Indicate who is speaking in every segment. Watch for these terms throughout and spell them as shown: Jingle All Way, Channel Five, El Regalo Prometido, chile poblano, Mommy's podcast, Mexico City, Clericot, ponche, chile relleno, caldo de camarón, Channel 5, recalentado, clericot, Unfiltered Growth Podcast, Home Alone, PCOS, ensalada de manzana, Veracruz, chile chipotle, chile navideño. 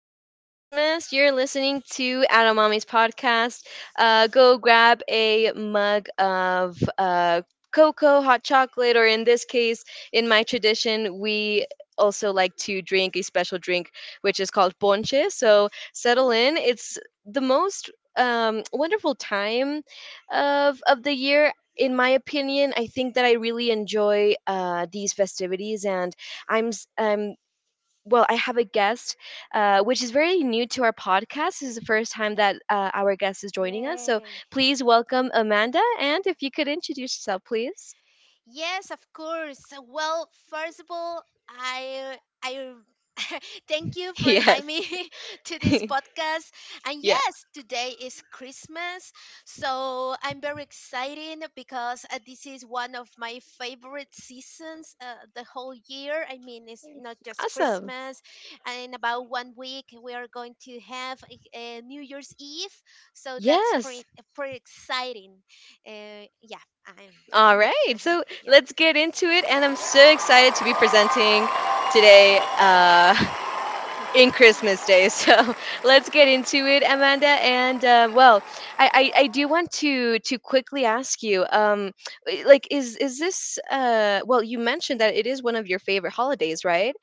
Speaker 1: Merry Christmas. You're listening to Mommy's podcast. Go grab a mug of cocoa, hot chocolate, or in this case, in my tradition, we also like to drink a special drink which is called ponche. So settle
Speaker 2: Mm.
Speaker 1: in. It's the most wonderful time of the year. In my opinion, I think that I really enjoy these festivities, and I'm well, I have a guest, which is very new to our podcast. This is the first time that our guest is joining us. So
Speaker 2: Yes.
Speaker 1: please welcome Amanda. And if you could introduce yourself, please.
Speaker 2: Yes, of course. Well, first of all, I thank you for inviting
Speaker 1: Yes.
Speaker 2: me to this podcast. And
Speaker 1: Yeah.
Speaker 2: yes, today is Christmas, so I'm very excited because this is one of my favorite seasons the whole year. I mean, it's not just
Speaker 1: Awesome.
Speaker 2: Christmas. And in about one week, we are going to have New Year's Eve, so that's pretty
Speaker 1: Yes.
Speaker 2: pretty exciting. Yeah, I'm
Speaker 1: All
Speaker 2: I'm
Speaker 1: right.
Speaker 2: glad.
Speaker 1: So
Speaker 2: Yeah.
Speaker 1: let's get into it. And I'm so excited to be presenting today. In Christmas Day. So let's get into it, Amanda. And well, I do want to quickly ask you, like, is this well? You mentioned that it is one of your favorite holidays, right?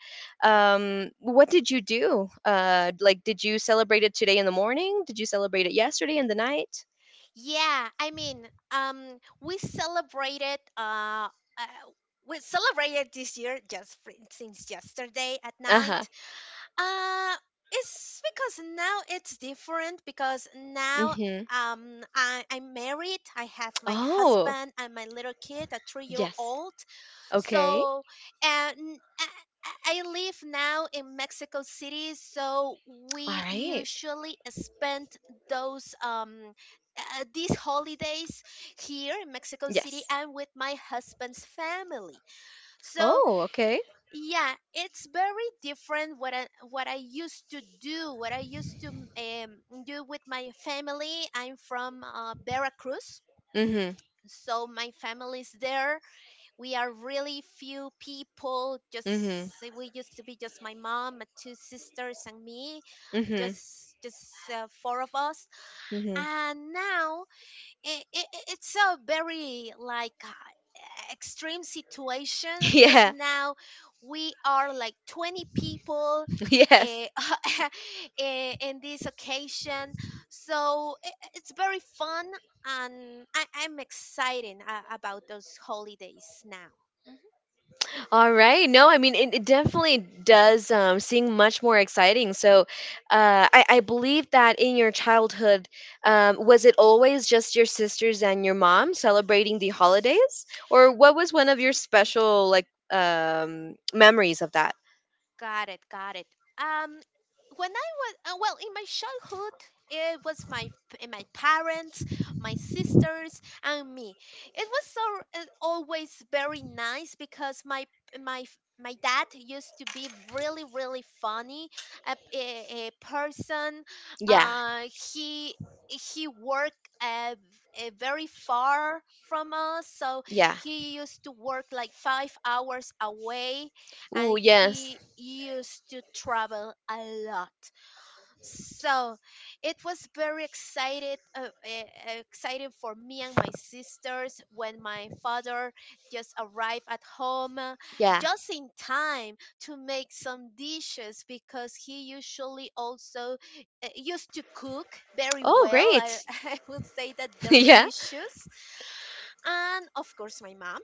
Speaker 2: Yeah,
Speaker 1: What did you do? Like, did you celebrate it today in the morning? Did you celebrate it yesterday in the night?
Speaker 2: yeah, I mean, um we celebrated uh, uh we celebrated this year just since yesterday at
Speaker 1: Uh huh.
Speaker 2: night. uh it's because now it's different because now
Speaker 1: Mm-hmm.
Speaker 2: I'm married. I have my
Speaker 1: Oh,
Speaker 2: husband and my little kid, a three year
Speaker 1: yes.
Speaker 2: old.
Speaker 1: Okay.
Speaker 2: So, and I live now in Mexico City, so
Speaker 1: All
Speaker 2: we
Speaker 1: right.
Speaker 2: usually spend those these holidays here in Mexico City
Speaker 1: Yes.
Speaker 2: and with my husband's family. So,
Speaker 1: Oh, okay.
Speaker 2: yeah, it's very different what I used to do, what I used to do with my family. I'm from Veracruz,
Speaker 1: Mm-hmm.
Speaker 2: so my family's there. We are really few people. Just,
Speaker 1: Mm-hmm.
Speaker 2: we used to be just my mom, my two sisters, and me,
Speaker 1: Mm-hmm.
Speaker 2: just four of us.
Speaker 1: Mm-hmm.
Speaker 2: And now it's a very like extreme situation, because
Speaker 1: Yeah.
Speaker 2: now we are like 20 people,
Speaker 1: Yes.
Speaker 2: eh, in this occasion. So it's very fun, and I'm excited about those holidays now.
Speaker 1: All right. No, I mean it definitely does seem much more exciting. So, I believe that in your childhood, was it always just your sisters and your mom celebrating the holidays, or what was one of your
Speaker 2: Mhm.
Speaker 1: special like memories of that?
Speaker 2: Got it, got it. Um, when I was well, in my childhood, it was my parents, my sisters, and me. It was so always very nice, because my dad used to be really really funny, a person.
Speaker 1: Yeah.
Speaker 2: Uh, he he worked, very far from us, so
Speaker 1: Yeah.
Speaker 2: he used to work like 5 hours away, and
Speaker 1: Ooh, yes.
Speaker 2: he used to travel a lot. So it was very exciting for me and my sisters when my father just arrived at home,
Speaker 1: Yeah.
Speaker 2: just in time to make some dishes, because he usually also used to cook very
Speaker 1: Oh,
Speaker 2: well.
Speaker 1: great.
Speaker 2: I would say, that
Speaker 1: Yeah.
Speaker 2: delicious, and of course my mom.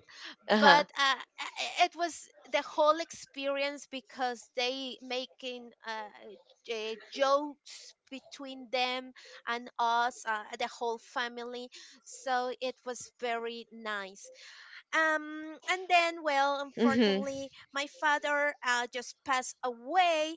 Speaker 1: Uh huh.
Speaker 2: But it was the whole experience, because they making jokes between them and us, the whole family, so it was very nice. And then, well,
Speaker 1: Mhm.
Speaker 2: unfortunately, my father just passed away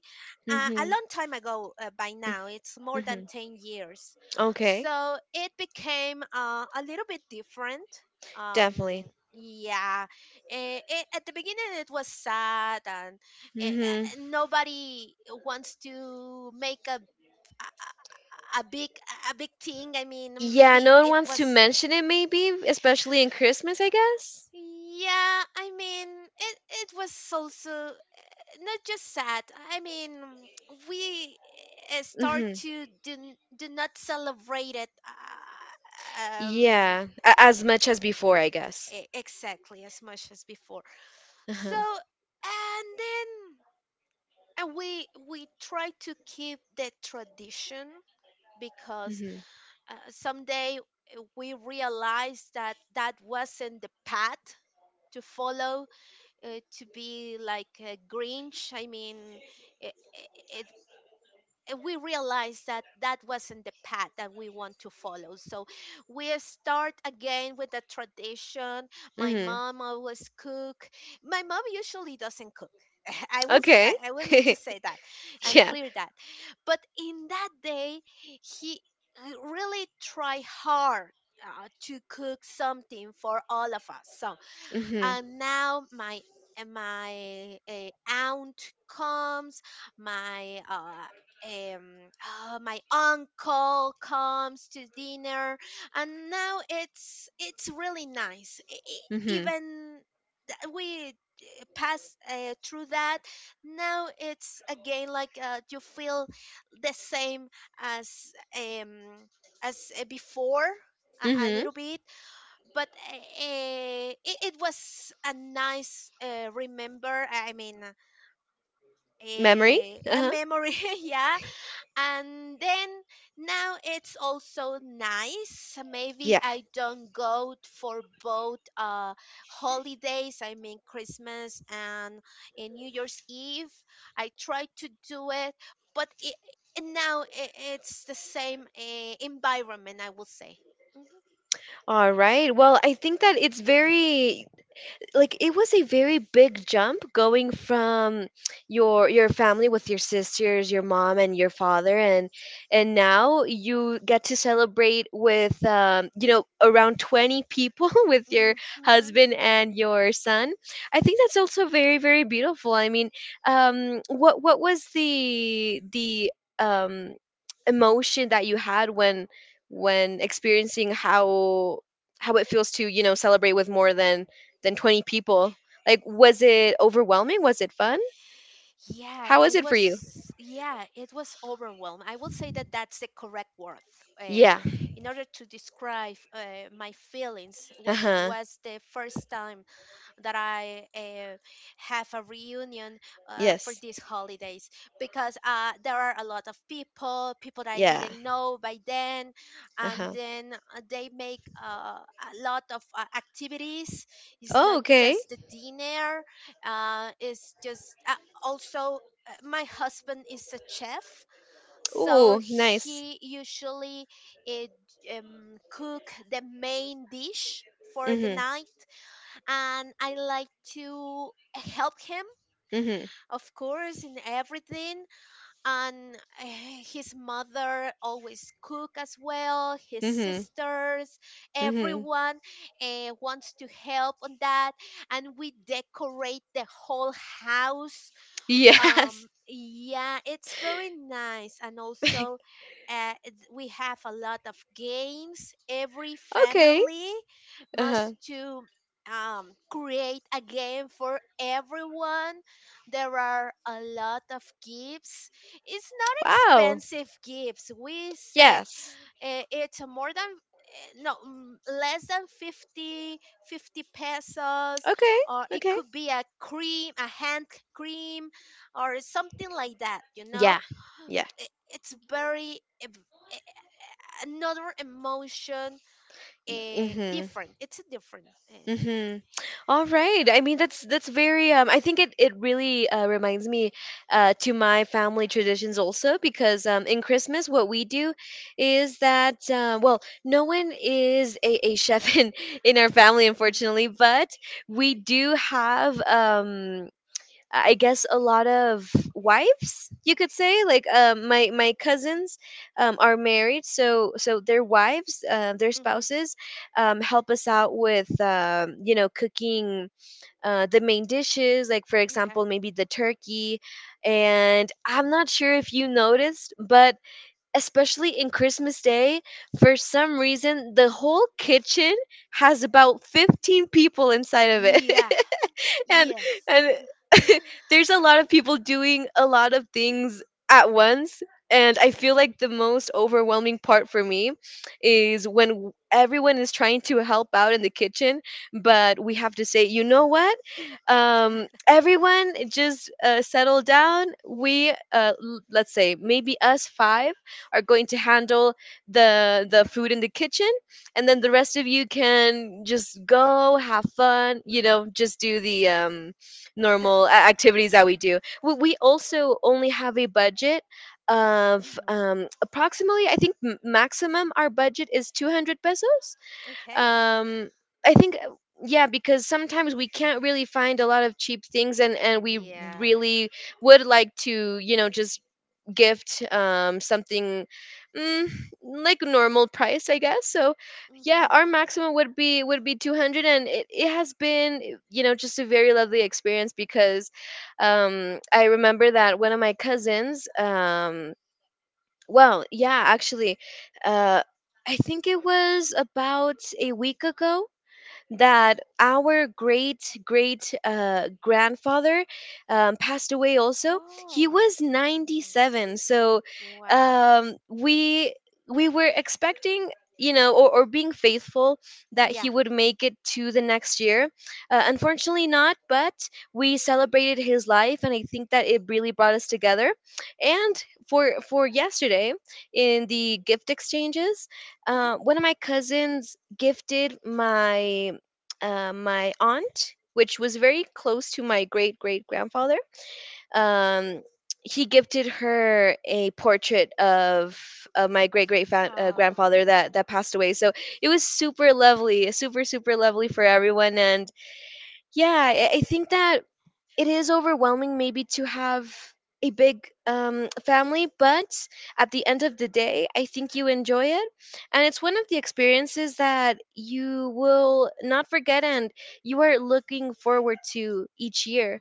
Speaker 2: a
Speaker 1: Mhm.
Speaker 2: long time ago, by now. It's more than
Speaker 1: Mhm.
Speaker 2: 10 years.
Speaker 1: Okay.
Speaker 2: So it became a little bit different. Um,
Speaker 1: Definitely.
Speaker 2: yeah. At the beginning, it was sad, and
Speaker 1: Mm hmm.
Speaker 2: nobody wants to make a a a big a big thing. I mean,
Speaker 1: Yeah,
Speaker 2: maybe
Speaker 1: no one
Speaker 2: it
Speaker 1: wants
Speaker 2: was,
Speaker 1: to mention it, maybe, especially in Christmas, I guess.
Speaker 2: yeah, I mean, it was also not just sad. I mean, we start
Speaker 1: Hmm.
Speaker 2: to do not celebrate it
Speaker 1: Yeah, as much as before, I guess.
Speaker 2: exactly as much as before.
Speaker 1: Uh-huh.
Speaker 2: So, and then, and we try to keep the tradition, because
Speaker 1: Hmm.
Speaker 2: someday we realized that that wasn't the path to follow, to be like a Grinch. I mean, it, it, it- we realized that that wasn't the path that we want to follow. So we start again with the tradition. My
Speaker 1: Hmm.
Speaker 2: mom always cook. My mom usually doesn't cook. I will s- I,
Speaker 1: Okay.
Speaker 2: I will need to say that and
Speaker 1: Yeah.
Speaker 2: clear that. But in that day, he really tried hard to cook something for all of us. So,
Speaker 1: Hmm.
Speaker 2: and now my my aunt comes, my uh um my uncle comes to dinner. And now it's really nice. E- e-
Speaker 1: Hmm.
Speaker 2: even th- we pass through that. Now it's again like you feel the same as um as before, a
Speaker 1: Hmm.
Speaker 2: little bit. But it was a nice remember. I mean,
Speaker 1: Memory.
Speaker 2: a,
Speaker 1: Uh
Speaker 2: a
Speaker 1: huh.
Speaker 2: memory. Yeah. And then now it's also nice. Maybe
Speaker 1: Yeah.
Speaker 2: I don't go for both holidays, I mean Christmas and New Year's Eve. I try to do it, but now it's the same environment, I will say.
Speaker 1: All right. Well, I think that it's very like it was a very big jump going from your family with your sisters, your mom and your father and now you get to celebrate with you know around 20 people with your
Speaker 2: Hmm.
Speaker 1: husband and your son. I think that's also very very beautiful. I mean, what was the um emotion that you had when experiencing how it feels to you know celebrate with more than 20 people like was it overwhelming was it fun how was it for you?
Speaker 2: Yeah, it was overwhelmed. I will say that that's the correct word. Uh,
Speaker 1: Yeah.
Speaker 2: in order to describe my feelings, when it
Speaker 1: Uh-huh.
Speaker 2: was the first time that I have a reunion for
Speaker 1: Yes.
Speaker 2: these holidays, because there are a lot of people, people that I
Speaker 1: Yeah.
Speaker 2: didn't know by then, and
Speaker 1: Uh-huh.
Speaker 2: then they make a lot of activities. It's
Speaker 1: Oh,
Speaker 2: not
Speaker 1: okay.
Speaker 2: just the dinner, it's just also. My husband is a chef,
Speaker 1: Ooh,
Speaker 2: so
Speaker 1: nice.
Speaker 2: he usually, it, cook the main dish for the
Speaker 1: Mhm.
Speaker 2: night, and I like to help him,
Speaker 1: Mhm.
Speaker 2: of course, in everything. And uh, his mother always cook as well. His
Speaker 1: Mhm.
Speaker 2: sisters,
Speaker 1: Mhm.
Speaker 2: everyone wants to help on that, and we decorate the whole house,
Speaker 1: Yes.
Speaker 2: yeah, it's very nice. And also we have a lot of games. Every
Speaker 1: Okay.
Speaker 2: family
Speaker 1: Uh-huh.
Speaker 2: must to create a game for everyone. There are a lot of gifts. It's not
Speaker 1: Wow.
Speaker 2: expensive gifts, we said.
Speaker 1: Yes.
Speaker 2: It's more than, no, less than fifty pesos,
Speaker 1: Okay.
Speaker 2: or it
Speaker 1: Okay.
Speaker 2: could be a hand cream, or something like that,
Speaker 1: Yeah. Yeah.
Speaker 2: I- it's very ev- eh, eh, another emotion,
Speaker 1: Mhm.
Speaker 2: different. It's a different uh,
Speaker 1: Mhm. All right. I mean, that's very. I think it it really reminds me to my family traditions also because in Christmas what we do is that well, no one is a chef in our family
Speaker 2: hmm.
Speaker 1: unfortunately, but we do have I guess a lot of wives you could say like my my cousins are married, so so their wives their
Speaker 2: Hmm.
Speaker 1: spouses help us out with you know cooking the main dishes, like for
Speaker 2: Okay.
Speaker 1: example, maybe the turkey. And I'm not sure if you noticed, but especially in Christmas Day, for some reason, the whole kitchen has about 15 people inside of it.
Speaker 2: Yeah.
Speaker 1: and
Speaker 2: Yes.
Speaker 1: and there's a lot of people doing a lot of things at once. And I feel like the most overwhelming part for me is when everyone is trying to help out in the kitchen, but we have to say, you know what? Everyone just settle down. We, let's say, maybe us five are going to handle the food in the kitchen, and then the
Speaker 2: Hmm.
Speaker 1: rest of you can just go have fun. You know, just do the normal activities that we do. We also only have a budget of
Speaker 2: Hmm.
Speaker 1: approximately, I think, maximum our budget is 200 pesos.
Speaker 2: Okay.
Speaker 1: um I think yeah, because sometimes we can't really find a lot of cheap things and we
Speaker 2: Yeah.
Speaker 1: really would like to you know just gift something, mm, like normal price I guess. So yeah,
Speaker 2: Hmm.
Speaker 1: our maximum would be 200, and it has been you know just a very lovely experience because I remember that one of my cousins well yeah actually, uh I think it was about a week ago that our great great grandfather passed away also. He
Speaker 2: Oh.
Speaker 1: was
Speaker 2: Oh.
Speaker 1: 97, so
Speaker 2: Wow.
Speaker 1: um, we we were expecting you know or being faithful that
Speaker 2: Yeah.
Speaker 1: he would make it to the next year. Unfortunately not, but we celebrated his life and I think that it really brought us together, and for yesterday in the gift exchanges,
Speaker 2: Hmm.
Speaker 1: one of my cousins gifted my my aunt, which was
Speaker 2: Hmm.
Speaker 1: very close to my great great grandfather. Um, he gifted her a portrait of my great great grandfather
Speaker 2: Oh.
Speaker 1: that that passed away. So it was
Speaker 2: It's-
Speaker 1: super lovely, super super lovely
Speaker 2: mm,
Speaker 1: for everyone. And yeah, I think that it is overwhelming maybe to have a big family, but at the end of the day I think you enjoy it, and it's one of the experiences that you will not forget and you are looking forward to each year.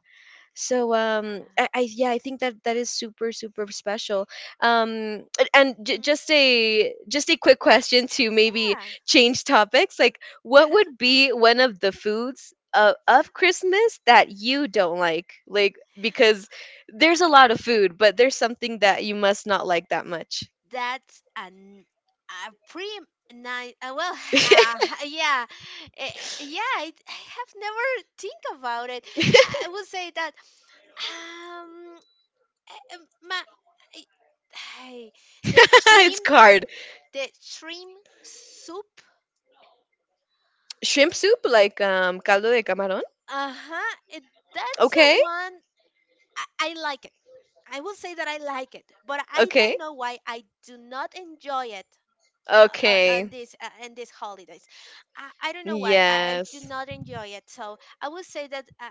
Speaker 1: So
Speaker 2: yeah.
Speaker 1: I yeah I think that that is super super special. um and
Speaker 2: Hmm.
Speaker 1: just a quick question to maybe
Speaker 2: Yeah.
Speaker 1: change topics, like what would be one of the foods of Christmas that you don't like because there's a lot of food but there's something that you must not like that much?
Speaker 2: That's an a pretty nice. Well, uh, yeah, eh, yeah. I have never think about it. I would say that. Um, um, my, hey, the
Speaker 1: It's
Speaker 2: shrimp
Speaker 1: hard.
Speaker 2: the shrimp soup.
Speaker 1: Shrimp soup like caldo de camarón.
Speaker 2: Uh-huh, that's the
Speaker 1: Okay.
Speaker 2: one. I like it. I will say that I like it, but I
Speaker 1: Okay.
Speaker 2: don't know why I do not enjoy it
Speaker 1: Okay.
Speaker 2: on these holidays. I don't know why I do
Speaker 1: Yes.
Speaker 2: not enjoy it, so I will say that uh,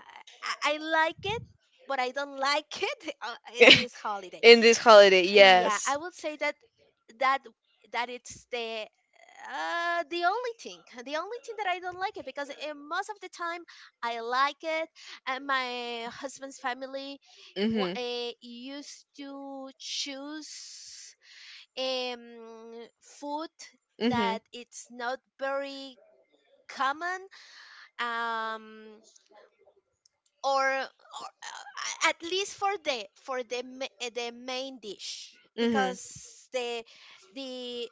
Speaker 2: I, I like it, but I don't like it in this holiday.
Speaker 1: In this holiday,
Speaker 2: Yeah, I
Speaker 1: yes.
Speaker 2: would say that that it's the only thing, that I don't like it, because most of the time I like it. And my husband's family
Speaker 1: Mhm.
Speaker 2: used to choose food that
Speaker 1: Mhm.
Speaker 2: it's not very common, um or, at least for the, for the main dish,
Speaker 1: Mhm.
Speaker 2: because the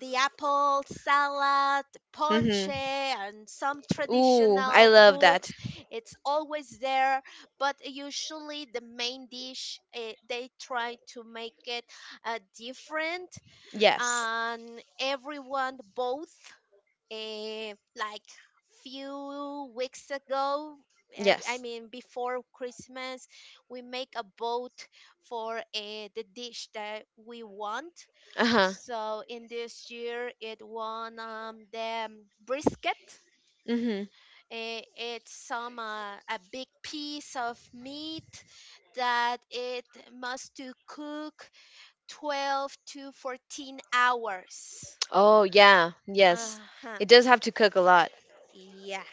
Speaker 2: the apple salad, the ponche,
Speaker 1: Mhm.
Speaker 2: and some
Speaker 1: Ooh, I
Speaker 2: traditional
Speaker 1: love
Speaker 2: food.
Speaker 1: that.
Speaker 2: It's always there, but usually the main dish, they try to make it different,
Speaker 1: Yes.
Speaker 2: and everyone both, like, few weeks ago, I
Speaker 1: Yes.
Speaker 2: mean before Christmas, we make a vote for, the dish that we want.
Speaker 1: Uh-huh.
Speaker 2: So in this year, it won, the brisket.
Speaker 1: Mhm.
Speaker 2: It's some a big piece of meat that it must to cook 12 to 14 hours.
Speaker 1: Oh, yeah. Yes.
Speaker 2: Uh-huh.
Speaker 1: It does have to cook a lot.
Speaker 2: Yeah,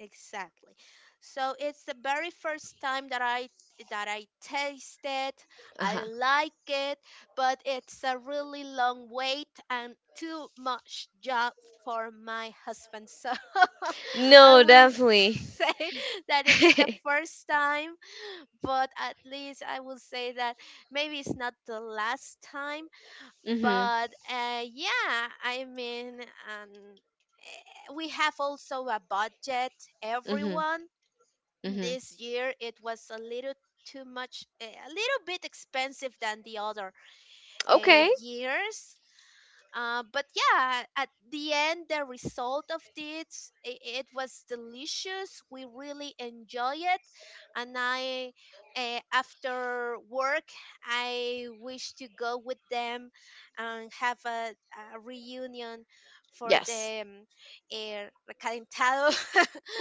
Speaker 2: exactly. So it's the very first time that I taste it.
Speaker 1: Uh-huh.
Speaker 2: I like it, but it's a really long wait and too much job for my husband. So I
Speaker 1: No,
Speaker 2: will
Speaker 1: definitely.
Speaker 2: say that it's the first time, but at least I will say that maybe it's not the last time.
Speaker 1: Mhm.
Speaker 2: But yeah, I mean, we have also a budget,
Speaker 1: Mhm.
Speaker 2: everyone.
Speaker 1: Mhm.
Speaker 2: This year it was a little too much, a little bit expensive than the other
Speaker 1: Okay.
Speaker 2: years. But yeah, at the end, the result of this, it was delicious. We really enjoy it, and after work, I wish to go with them and have a reunion for
Speaker 1: Yes.
Speaker 2: the recalentado.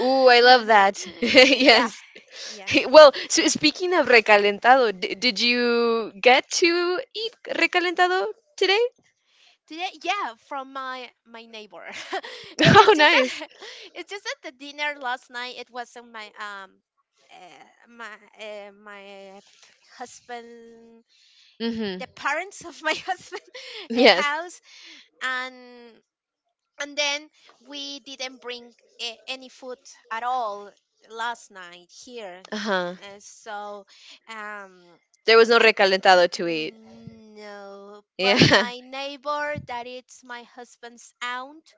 Speaker 1: Ooh, I love that.
Speaker 2: Yeah,
Speaker 1: Yes.
Speaker 2: yeah.
Speaker 1: Well, so speaking of recalentado, did you get to eat recalentado today?
Speaker 2: Today, yeah, from my neighbor. It-
Speaker 1: Oh,
Speaker 2: it's just
Speaker 1: nice.
Speaker 2: that it's just that the dinner last night, it was on my uh, my uh, my p- husband
Speaker 1: Mhm.
Speaker 2: the parents of my husband, a
Speaker 1: Yes.
Speaker 2: house. And then we didn't bring any food at all last night here,
Speaker 1: Uh-huh.
Speaker 2: so um
Speaker 1: There was no
Speaker 2: and.
Speaker 1: recalentado to eat.
Speaker 2: Mm, no, but
Speaker 1: Yeah.
Speaker 2: my neighbor that it's my husband's aunt,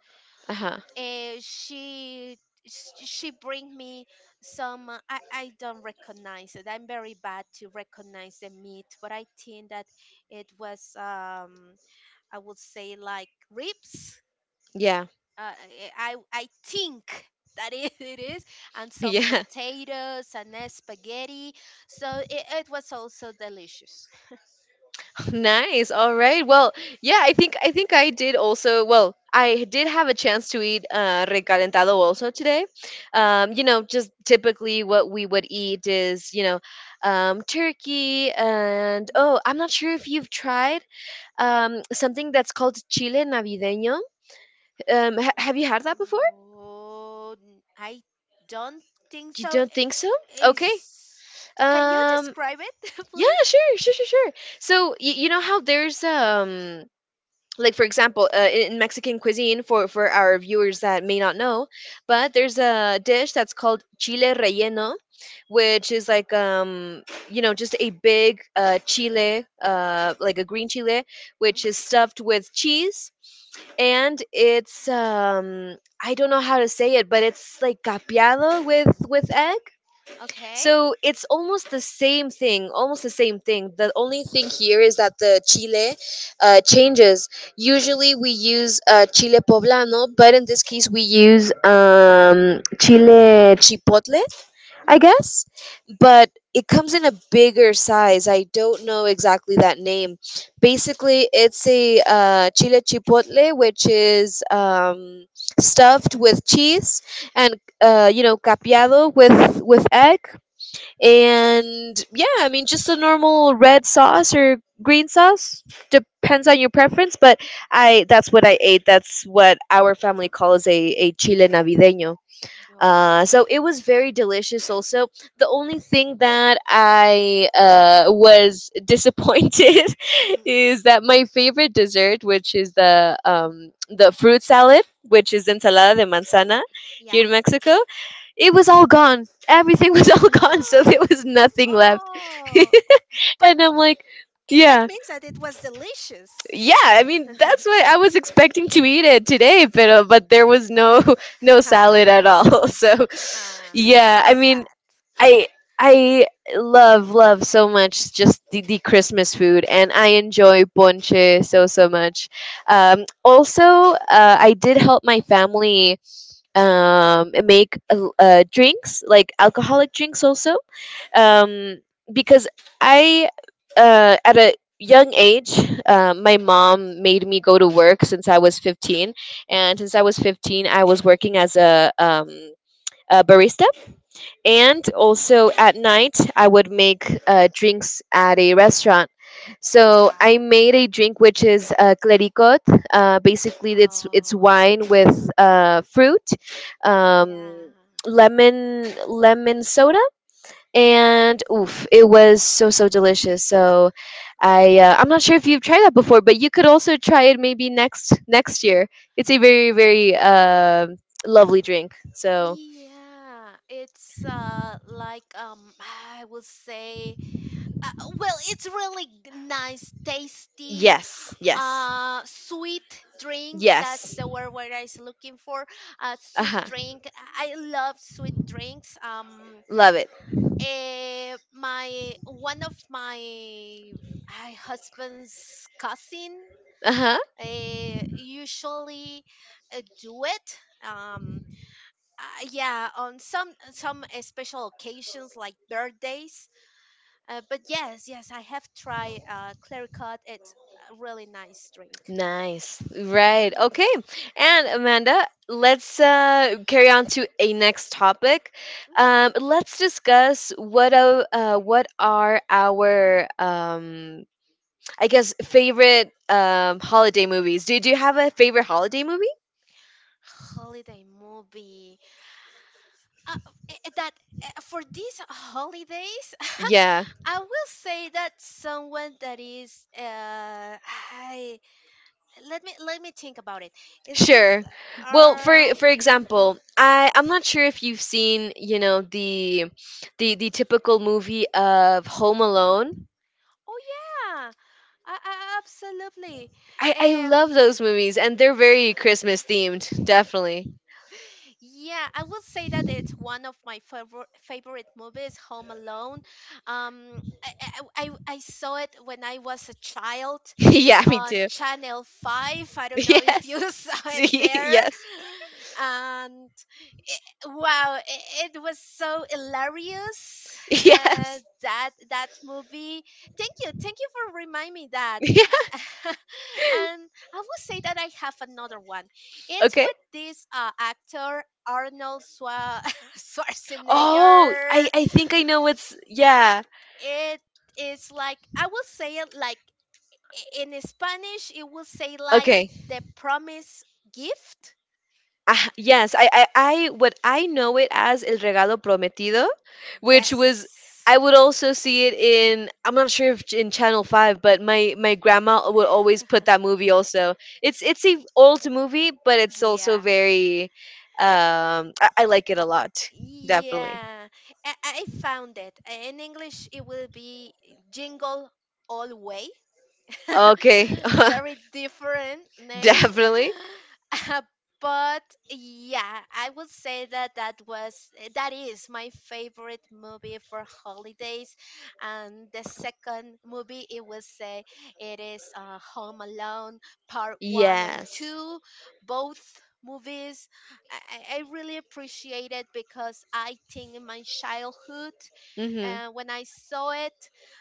Speaker 1: Uh-huh.
Speaker 2: and she bring me some, I don't recognize it. I'm very bad to recognize the meat, but I think that it was, I would say, like, ribs.
Speaker 1: Yeah.
Speaker 2: I think that it is, and some
Speaker 1: Yeah.
Speaker 2: potatoes and spaghetti. So it was also delicious.
Speaker 1: Nice. All right. Well, yeah, I think I think I did also. Well, I did have a chance to eat recalentado also today. You know, just typically what we would eat is, you know, turkey and
Speaker 2: Yeah.
Speaker 1: oh, I'm not sure if you've tried something that's called chile navideño. Have you had that before?
Speaker 2: Oh, I don't think
Speaker 1: You
Speaker 2: so.
Speaker 1: don't think so?
Speaker 2: I-
Speaker 1: Okay.
Speaker 2: Is Can you
Speaker 1: Um,
Speaker 2: describe it,
Speaker 1: yeah,
Speaker 2: please?
Speaker 1: sure, sure, sure, sure. So you know how there's like for example in Mexican cuisine for our viewers that may not know, but there's a dish that's called chile relleno, which is like you know just a big chile like a green chile which
Speaker 2: Hmm.
Speaker 1: is stuffed with cheese, and it's I don't know how to say it, but it's like capiado with egg.
Speaker 2: Okay.
Speaker 1: So it's almost the same thing, almost the same thing. The only thing here is that the chile changes. Usually we use chile poblano, but in this case we use chile chipotle, I
Speaker 2: Hmm.
Speaker 1: guess. But it comes in a bigger size. I don't know exactly that name. Basically, it's a chile chipotle, which is stuffed with cheese and you know capiado with egg,
Speaker 2: Hmm.
Speaker 1: and yeah, I mean, just a normal red sauce or green sauce, depends on your preference. But I that's what I ate. That's what our family calls a chile navideño.
Speaker 2: Oh.
Speaker 1: So it was very delicious. Also, the only thing that I was disappointed
Speaker 2: Hmm.
Speaker 1: is that my favorite dessert, which is the fruit salad, which is ensalada de manzana
Speaker 2: Yeah.
Speaker 1: here in Mexico, it was all gone. Everything was all gone, so there was nothing left.
Speaker 2: Oh. But
Speaker 1: And I'm like,
Speaker 2: That
Speaker 1: yeah,
Speaker 2: means that it was delicious.
Speaker 1: yeah. I mean, that's what I was expecting to eat it today, but there was no no salad at all. So
Speaker 2: Ah,
Speaker 1: yeah,
Speaker 2: so
Speaker 1: I mean,
Speaker 2: sad.
Speaker 1: I I love love so much just the Christmas food, and I enjoy ponche so so much. Also, I did help my family and make drinks like alcoholic drinks also, um, because I at a young age my mom made me go to work since I was 15, and since I was 15 I was working as a barista,
Speaker 2: Hmm.
Speaker 1: and also
Speaker 2: Oh,
Speaker 1: at night I would make drinks at a restaurant. So I
Speaker 2: wow.
Speaker 1: made a drink which is clericot. Basically, it's
Speaker 2: Oh,
Speaker 1: wine with fruit,
Speaker 2: yeah.
Speaker 1: um, lemon soda, and oof, it was so so delicious. So I
Speaker 2: Oh.
Speaker 1: I'm not sure if you've tried that before, but you could also try it maybe next year. It's a very lovely drink. So
Speaker 2: Yeah, it's like, I would say, uh, well, it's really nice, tasty,
Speaker 1: yes yes
Speaker 2: sweet drink. That's
Speaker 1: yes,
Speaker 2: the word what I was looking for.
Speaker 1: uh
Speaker 2: Sweet
Speaker 1: huh,
Speaker 2: drink. I love sweet drinks.
Speaker 1: love it,
Speaker 2: Eh, my One of my husband's cousin
Speaker 1: uh huh.
Speaker 2: usually do it. Um, yeah, on some special occasions like birthdays. But yes, yes, I have tried Clericot. It's a really nice drink.
Speaker 1: Nice. Right.
Speaker 2: Mhm,
Speaker 1: Okay. And Amanda, let's carry on to a next topic.
Speaker 2: mhm.
Speaker 1: Let's discuss what are our I guess favorite holiday movies. Do you have a favorite holiday movie?
Speaker 2: Holiday movie. Uh, f- I- that For these holidays,
Speaker 1: Yeah,
Speaker 2: I will say that someone that is uh, I let me think about it. It's just
Speaker 1: sure. Well,
Speaker 2: uh,
Speaker 1: for example, I'm not sure if you've seen, you know, the typical movie of Home Alone.
Speaker 2: oh yeah, uh, absolutely.
Speaker 1: I love
Speaker 2: Um,
Speaker 1: those movies and they're very Christmas themed, definitely.
Speaker 2: Yeah, I will say that it's one of my favorite movies, Home Alone. Um, I saw it when I was a child
Speaker 1: Yeah, me
Speaker 2: on
Speaker 1: too.
Speaker 2: Channel Five. I don't know if
Speaker 1: Yes.
Speaker 2: you saw it
Speaker 1: See,
Speaker 2: there.
Speaker 1: yes.
Speaker 2: And wow, it was so hilarious
Speaker 1: Yes.
Speaker 2: that movie, thank you for reminding me that.
Speaker 1: Yeah.
Speaker 2: And I will say that I have another one. It's
Speaker 1: Okay.
Speaker 2: with this actor Arnold Schwa-
Speaker 1: Oh, I
Speaker 2: Schwarzenegger.
Speaker 1: I think I know what's yeah.
Speaker 2: It is, like, I will say it like, in Spanish it will say like,
Speaker 1: Okay.
Speaker 2: the promise gift.
Speaker 1: Ah, yes, what I know it as El Regalo Prometido, which was,
Speaker 2: Yes,
Speaker 1: I would also see it in, I'm not sure if ch- in Channel 5, but my grandma would always put that movie also. It's a old movie, but it's also
Speaker 2: yeah.
Speaker 1: very, I like it a lot. Definitely.
Speaker 2: Yeah, I found it. In English, it will be Jingle All Way.
Speaker 1: Okay.
Speaker 2: It's very different name.
Speaker 1: Definitely.
Speaker 2: But yeah, I would say that that was, that is my favorite movie for holidays, and the second movie it was say it is Home Alone Part One and
Speaker 1: Yes.
Speaker 2: Two, both movies. I really appreciate it, because I think in my childhood,
Speaker 1: Hmm.
Speaker 2: when I saw it,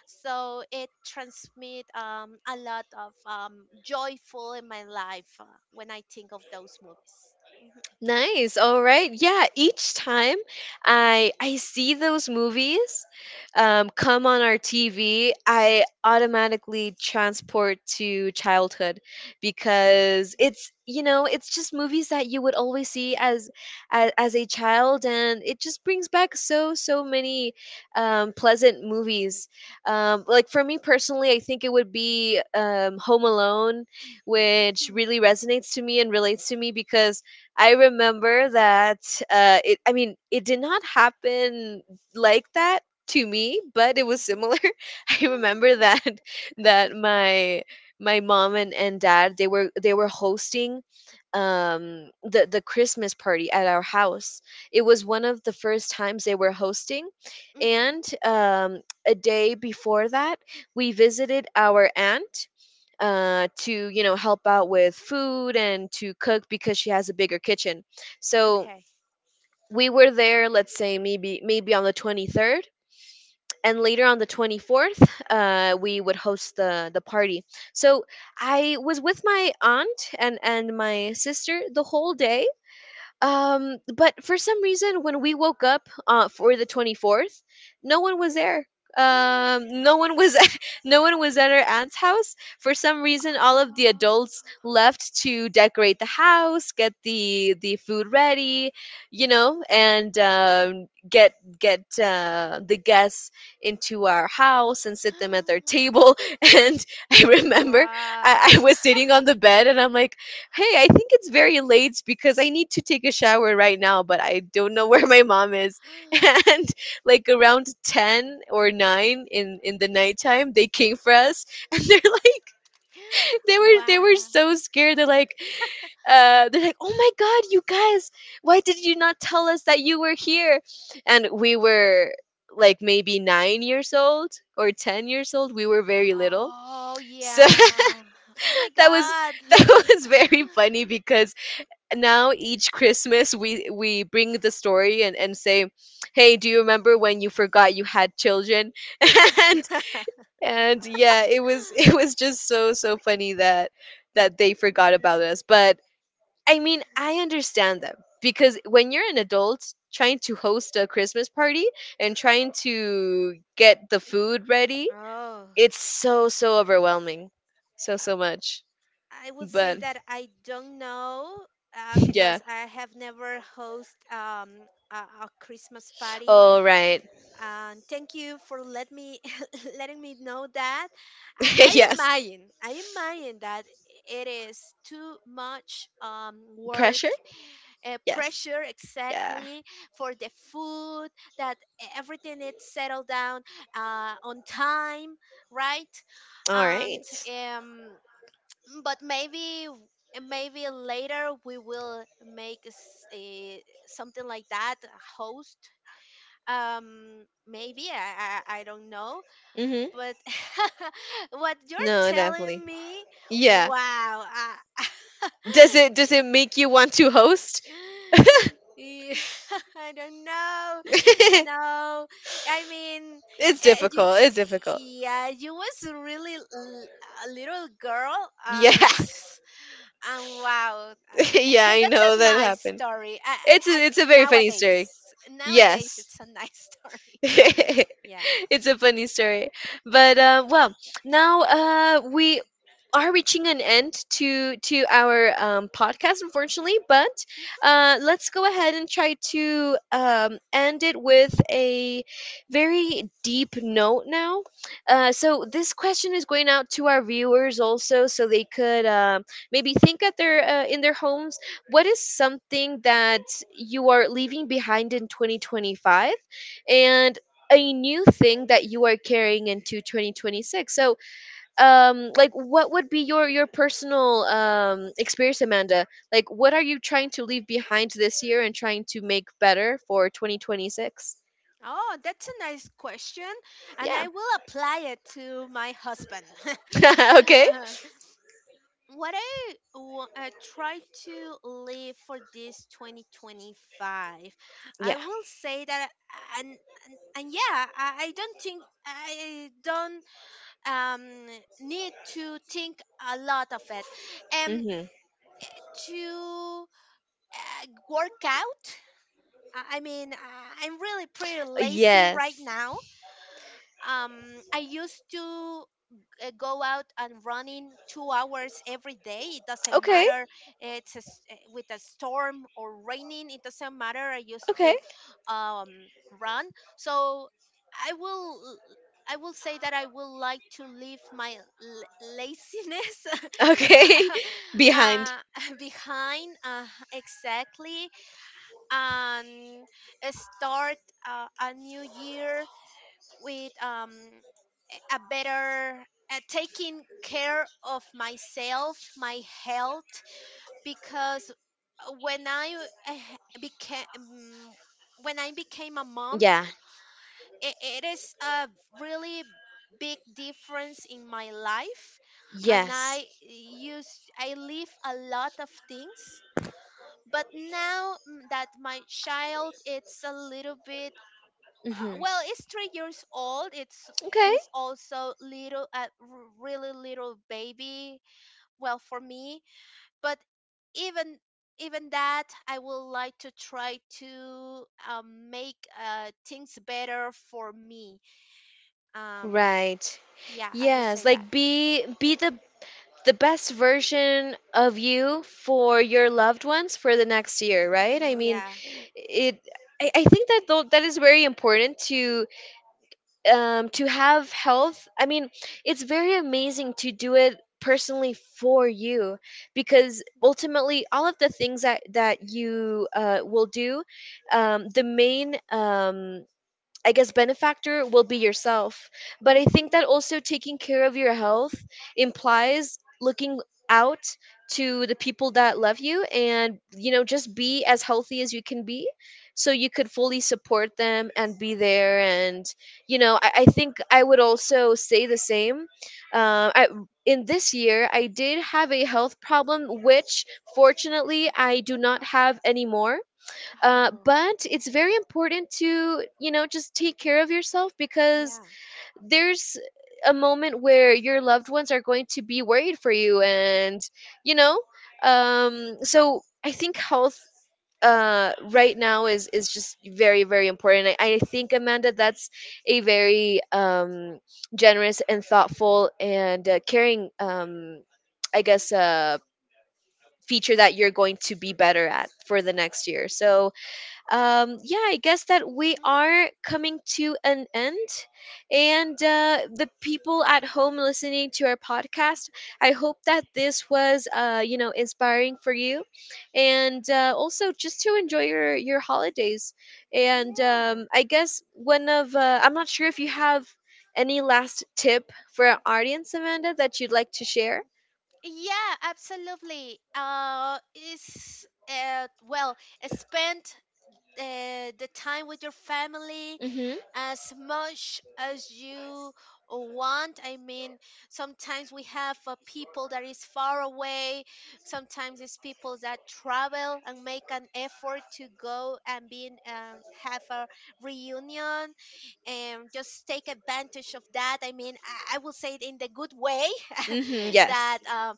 Speaker 2: so it transmit a lot of joyful in my life, when I think of those movies. Mm-hmm,
Speaker 1: Nice. All right. Yeah, each time I see those movies come on our TV, I automatically transport to childhood because it's, you know, it's just movies that you would always see as as a child, and it just brings back so many pleasant movies. Like for me personally, I think it would be Home Alone, which
Speaker 2: mm-hmm,
Speaker 1: really resonates to me and relates to me because I remember that it. I mean, it did not happen like that to me, but it was
Speaker 2: mm-hmm.
Speaker 1: similar. I remember that that my my mom and dad, they were hosting the the Christmas party at our house. It was one of the first times they were hosting,
Speaker 2: Hmm.
Speaker 1: and a day before that, we visited our aunt to, you know, help out with food and to cook because she has a bigger kitchen. So
Speaker 2: Okay.
Speaker 1: we were there, let's say maybe on the 23rd, and later on the 24th, we would host the party. So I was with my aunt and my sister the whole day, but for some reason, when we woke up for the 24th, no one was there. No one was no one was at our aunt's house. For some reason, all of the
Speaker 2: Oh.
Speaker 1: adults left to decorate the house, get the food ready, you know, and get the guests into our house and sit them at their table. And I remember
Speaker 2: Wow.
Speaker 1: I was sitting on the bed and I'm like, "Hey, I think it's very late because I need to take a shower right now, but I don't know where my mom is." And like around 10 or 9 in the nighttime, they came for us and they're like they were
Speaker 2: Wow.
Speaker 1: so scared. They're like, "Oh my god, you guys, why did you not tell us that you were here?" And we were like maybe 9 years old or 10 years old. We were very little.
Speaker 2: Oh
Speaker 1: So
Speaker 2: yeah. Oh my
Speaker 1: that was
Speaker 2: god.
Speaker 1: that was very funny because now each Christmas we bring the story and say, "Hey, do you remember when you forgot you had children?" and and yeah, it was it was just so funny that that they
Speaker 2: Mhm.
Speaker 1: forgot about us. But I mean, I understand them because when you're an adult trying to host a Christmas party and trying to get the food ready,
Speaker 2: Oh,
Speaker 1: it's so overwhelming. So so much.
Speaker 2: I would say
Speaker 1: But
Speaker 2: that I don't know,
Speaker 1: yeah.
Speaker 2: because I have never host a Christmas party.
Speaker 1: All right.
Speaker 2: And thank you for let me letting me know that. I
Speaker 1: Yes.
Speaker 2: imagine that it is too much um work,
Speaker 1: Pressure? Yes.
Speaker 2: pressure
Speaker 1: Yeah.
Speaker 2: exactly, for the food, that everything is settled down on time, right?
Speaker 1: All
Speaker 2: And
Speaker 1: right.
Speaker 2: um, but maybe, maybe later we will make something like that, a host, um, maybe I don't know,
Speaker 1: Mm-hmm.
Speaker 2: but what you're
Speaker 1: No, definitely.
Speaker 2: telling me,
Speaker 1: Yeah.
Speaker 2: wow.
Speaker 1: Does it make you want to host?
Speaker 2: Yeah, I don't know.
Speaker 1: It's
Speaker 2: No, I mean, uh, you,
Speaker 1: difficult. It's difficult.
Speaker 2: yeah, you was really a little girl.
Speaker 1: Yeah.
Speaker 2: and And wow,
Speaker 1: Yeah, I
Speaker 2: that's
Speaker 1: know
Speaker 2: a
Speaker 1: that
Speaker 2: nice
Speaker 1: happened.
Speaker 2: story.
Speaker 1: It's a very funny story.
Speaker 2: Nowadays,
Speaker 1: Yes.
Speaker 2: it's a nice story.
Speaker 1: It's
Speaker 2: Yeah.
Speaker 1: a funny story. But well, now we are reaching an end to our podcast, unfortunately. But
Speaker 2: Mm.
Speaker 1: let's go ahead and try to end it with a very deep note now. So this question is going out to our viewers also, so they could maybe think at their in their homes. What is something that you are leaving behind in 2025? And a new thing that you are carrying into 2026. So like, what would be your personal experience, Amanda? Like, what are you trying to leave behind this year and trying to make better for 2026?
Speaker 2: Oh, that's a nice question, and
Speaker 1: Yeah.
Speaker 2: I will apply it to my husband.
Speaker 1: Okay.
Speaker 2: uh, what I try to live for this 2025, I
Speaker 1: Yeah.
Speaker 2: will say that, and yeah, I don't um need to think a lot of it. Um,
Speaker 1: Mm-hmm.
Speaker 2: to work out. I mean, I'm really pretty lazy right
Speaker 1: Yes.
Speaker 2: now. I used to go out and running 2 hours every day. It doesn't
Speaker 1: Okay.
Speaker 2: matter. It's a with a storm or raining. It doesn't matter. I used
Speaker 1: Okay.
Speaker 2: to run. So I will. I will say that I will like to leave my laziness
Speaker 1: Okay.
Speaker 2: uh,
Speaker 1: Behind.
Speaker 2: uh, behind, exactly, and start a new year with a better, taking care of myself, my health, because when I became when I became a mom,
Speaker 1: Yeah.
Speaker 2: it is a really big difference in my life, and
Speaker 1: Yes.
Speaker 2: I leave a lot of things. But now mm, that my child it's a little bit,
Speaker 1: Hmm.
Speaker 2: well it's 3 years old, it's,
Speaker 1: Okay.
Speaker 2: he's also little really little baby, well, for me. But even, that I would like to try to make, things better for me, um,
Speaker 1: Right.
Speaker 2: yeah, I would
Speaker 1: Yes,
Speaker 2: say that.
Speaker 1: like be the best version of you for your loved ones for the next year, right? I
Speaker 2: Mm,
Speaker 1: mean,
Speaker 2: yeah.
Speaker 1: it. I think that though that is very important to have health. I mean, it's very amazing to do it personally for you
Speaker 2: Mm-hmm.
Speaker 1: because ultimately all of the things that that you will do, the main I guess benefactor will be yourself. But I think
Speaker 2: Mm-hmm.
Speaker 1: that also taking care of your health implies looking out to the people that love you, and, you know, just be as healthy as you can be so you could fully support them and be there. And, you know, I think I would also say the same. uh, I, in this year, I did have a health problem, which fortunately I do not have anymore.
Speaker 2: Oh
Speaker 1: But it's very important to, you know, just take care of yourself because
Speaker 2: yeah.
Speaker 1: there's a moment where your loved ones are going to be worried for you. And, you know, so I think health right now is just very important. I think, Amanda, that's a very generous and thoughtful and caring I guess feature that you're going to be better at for the next year. So yeah, I guess that we
Speaker 2: Mm-hmm.
Speaker 1: are coming to an end. And the people at home listening to our podcast, I hope that this was, you know, inspiring for you, and also just to enjoy your holidays. And
Speaker 2: Yeah.
Speaker 1: I guess one of, I'm not sure if you have any last tip for our audience, Amanda, that you'd like to share.
Speaker 2: Yeah, absolutely. Is, well, spent the time with your family
Speaker 1: Mm-hmm.
Speaker 2: as much as you want. I mean, sometimes we have people that is far away. Sometimes it's people that travel and make an effort to go and be in, have a reunion, and just take advantage of that. I mean, I will say it in the good way
Speaker 1: Mm-hmm.
Speaker 2: that
Speaker 1: Yes.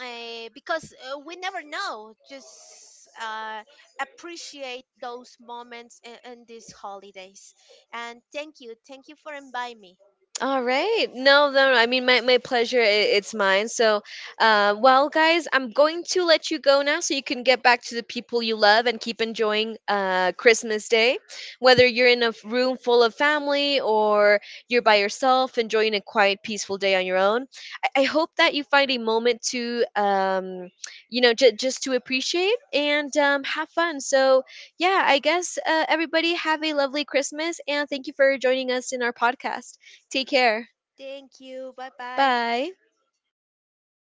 Speaker 2: because we never know. Just appreciate those moments in these holidays. And thank you. Thank you for inviting me.
Speaker 1: All right. No, no, no. I mean, my pleasure. It's mine. So, well, guys, I'm going to let you go now so you can get back to the people you love and keep enjoying Christmas Day. Whether you're in a room full of family or you're by yourself enjoying a quiet, peaceful day on your own, I hope that you find a moment to, you know, just to appreciate and have fun. So, yeah, I guess everybody have a lovely Christmas, and thank you for joining us in our podcast. Take care.
Speaker 2: Thank you. Bye bye.
Speaker 1: Bye.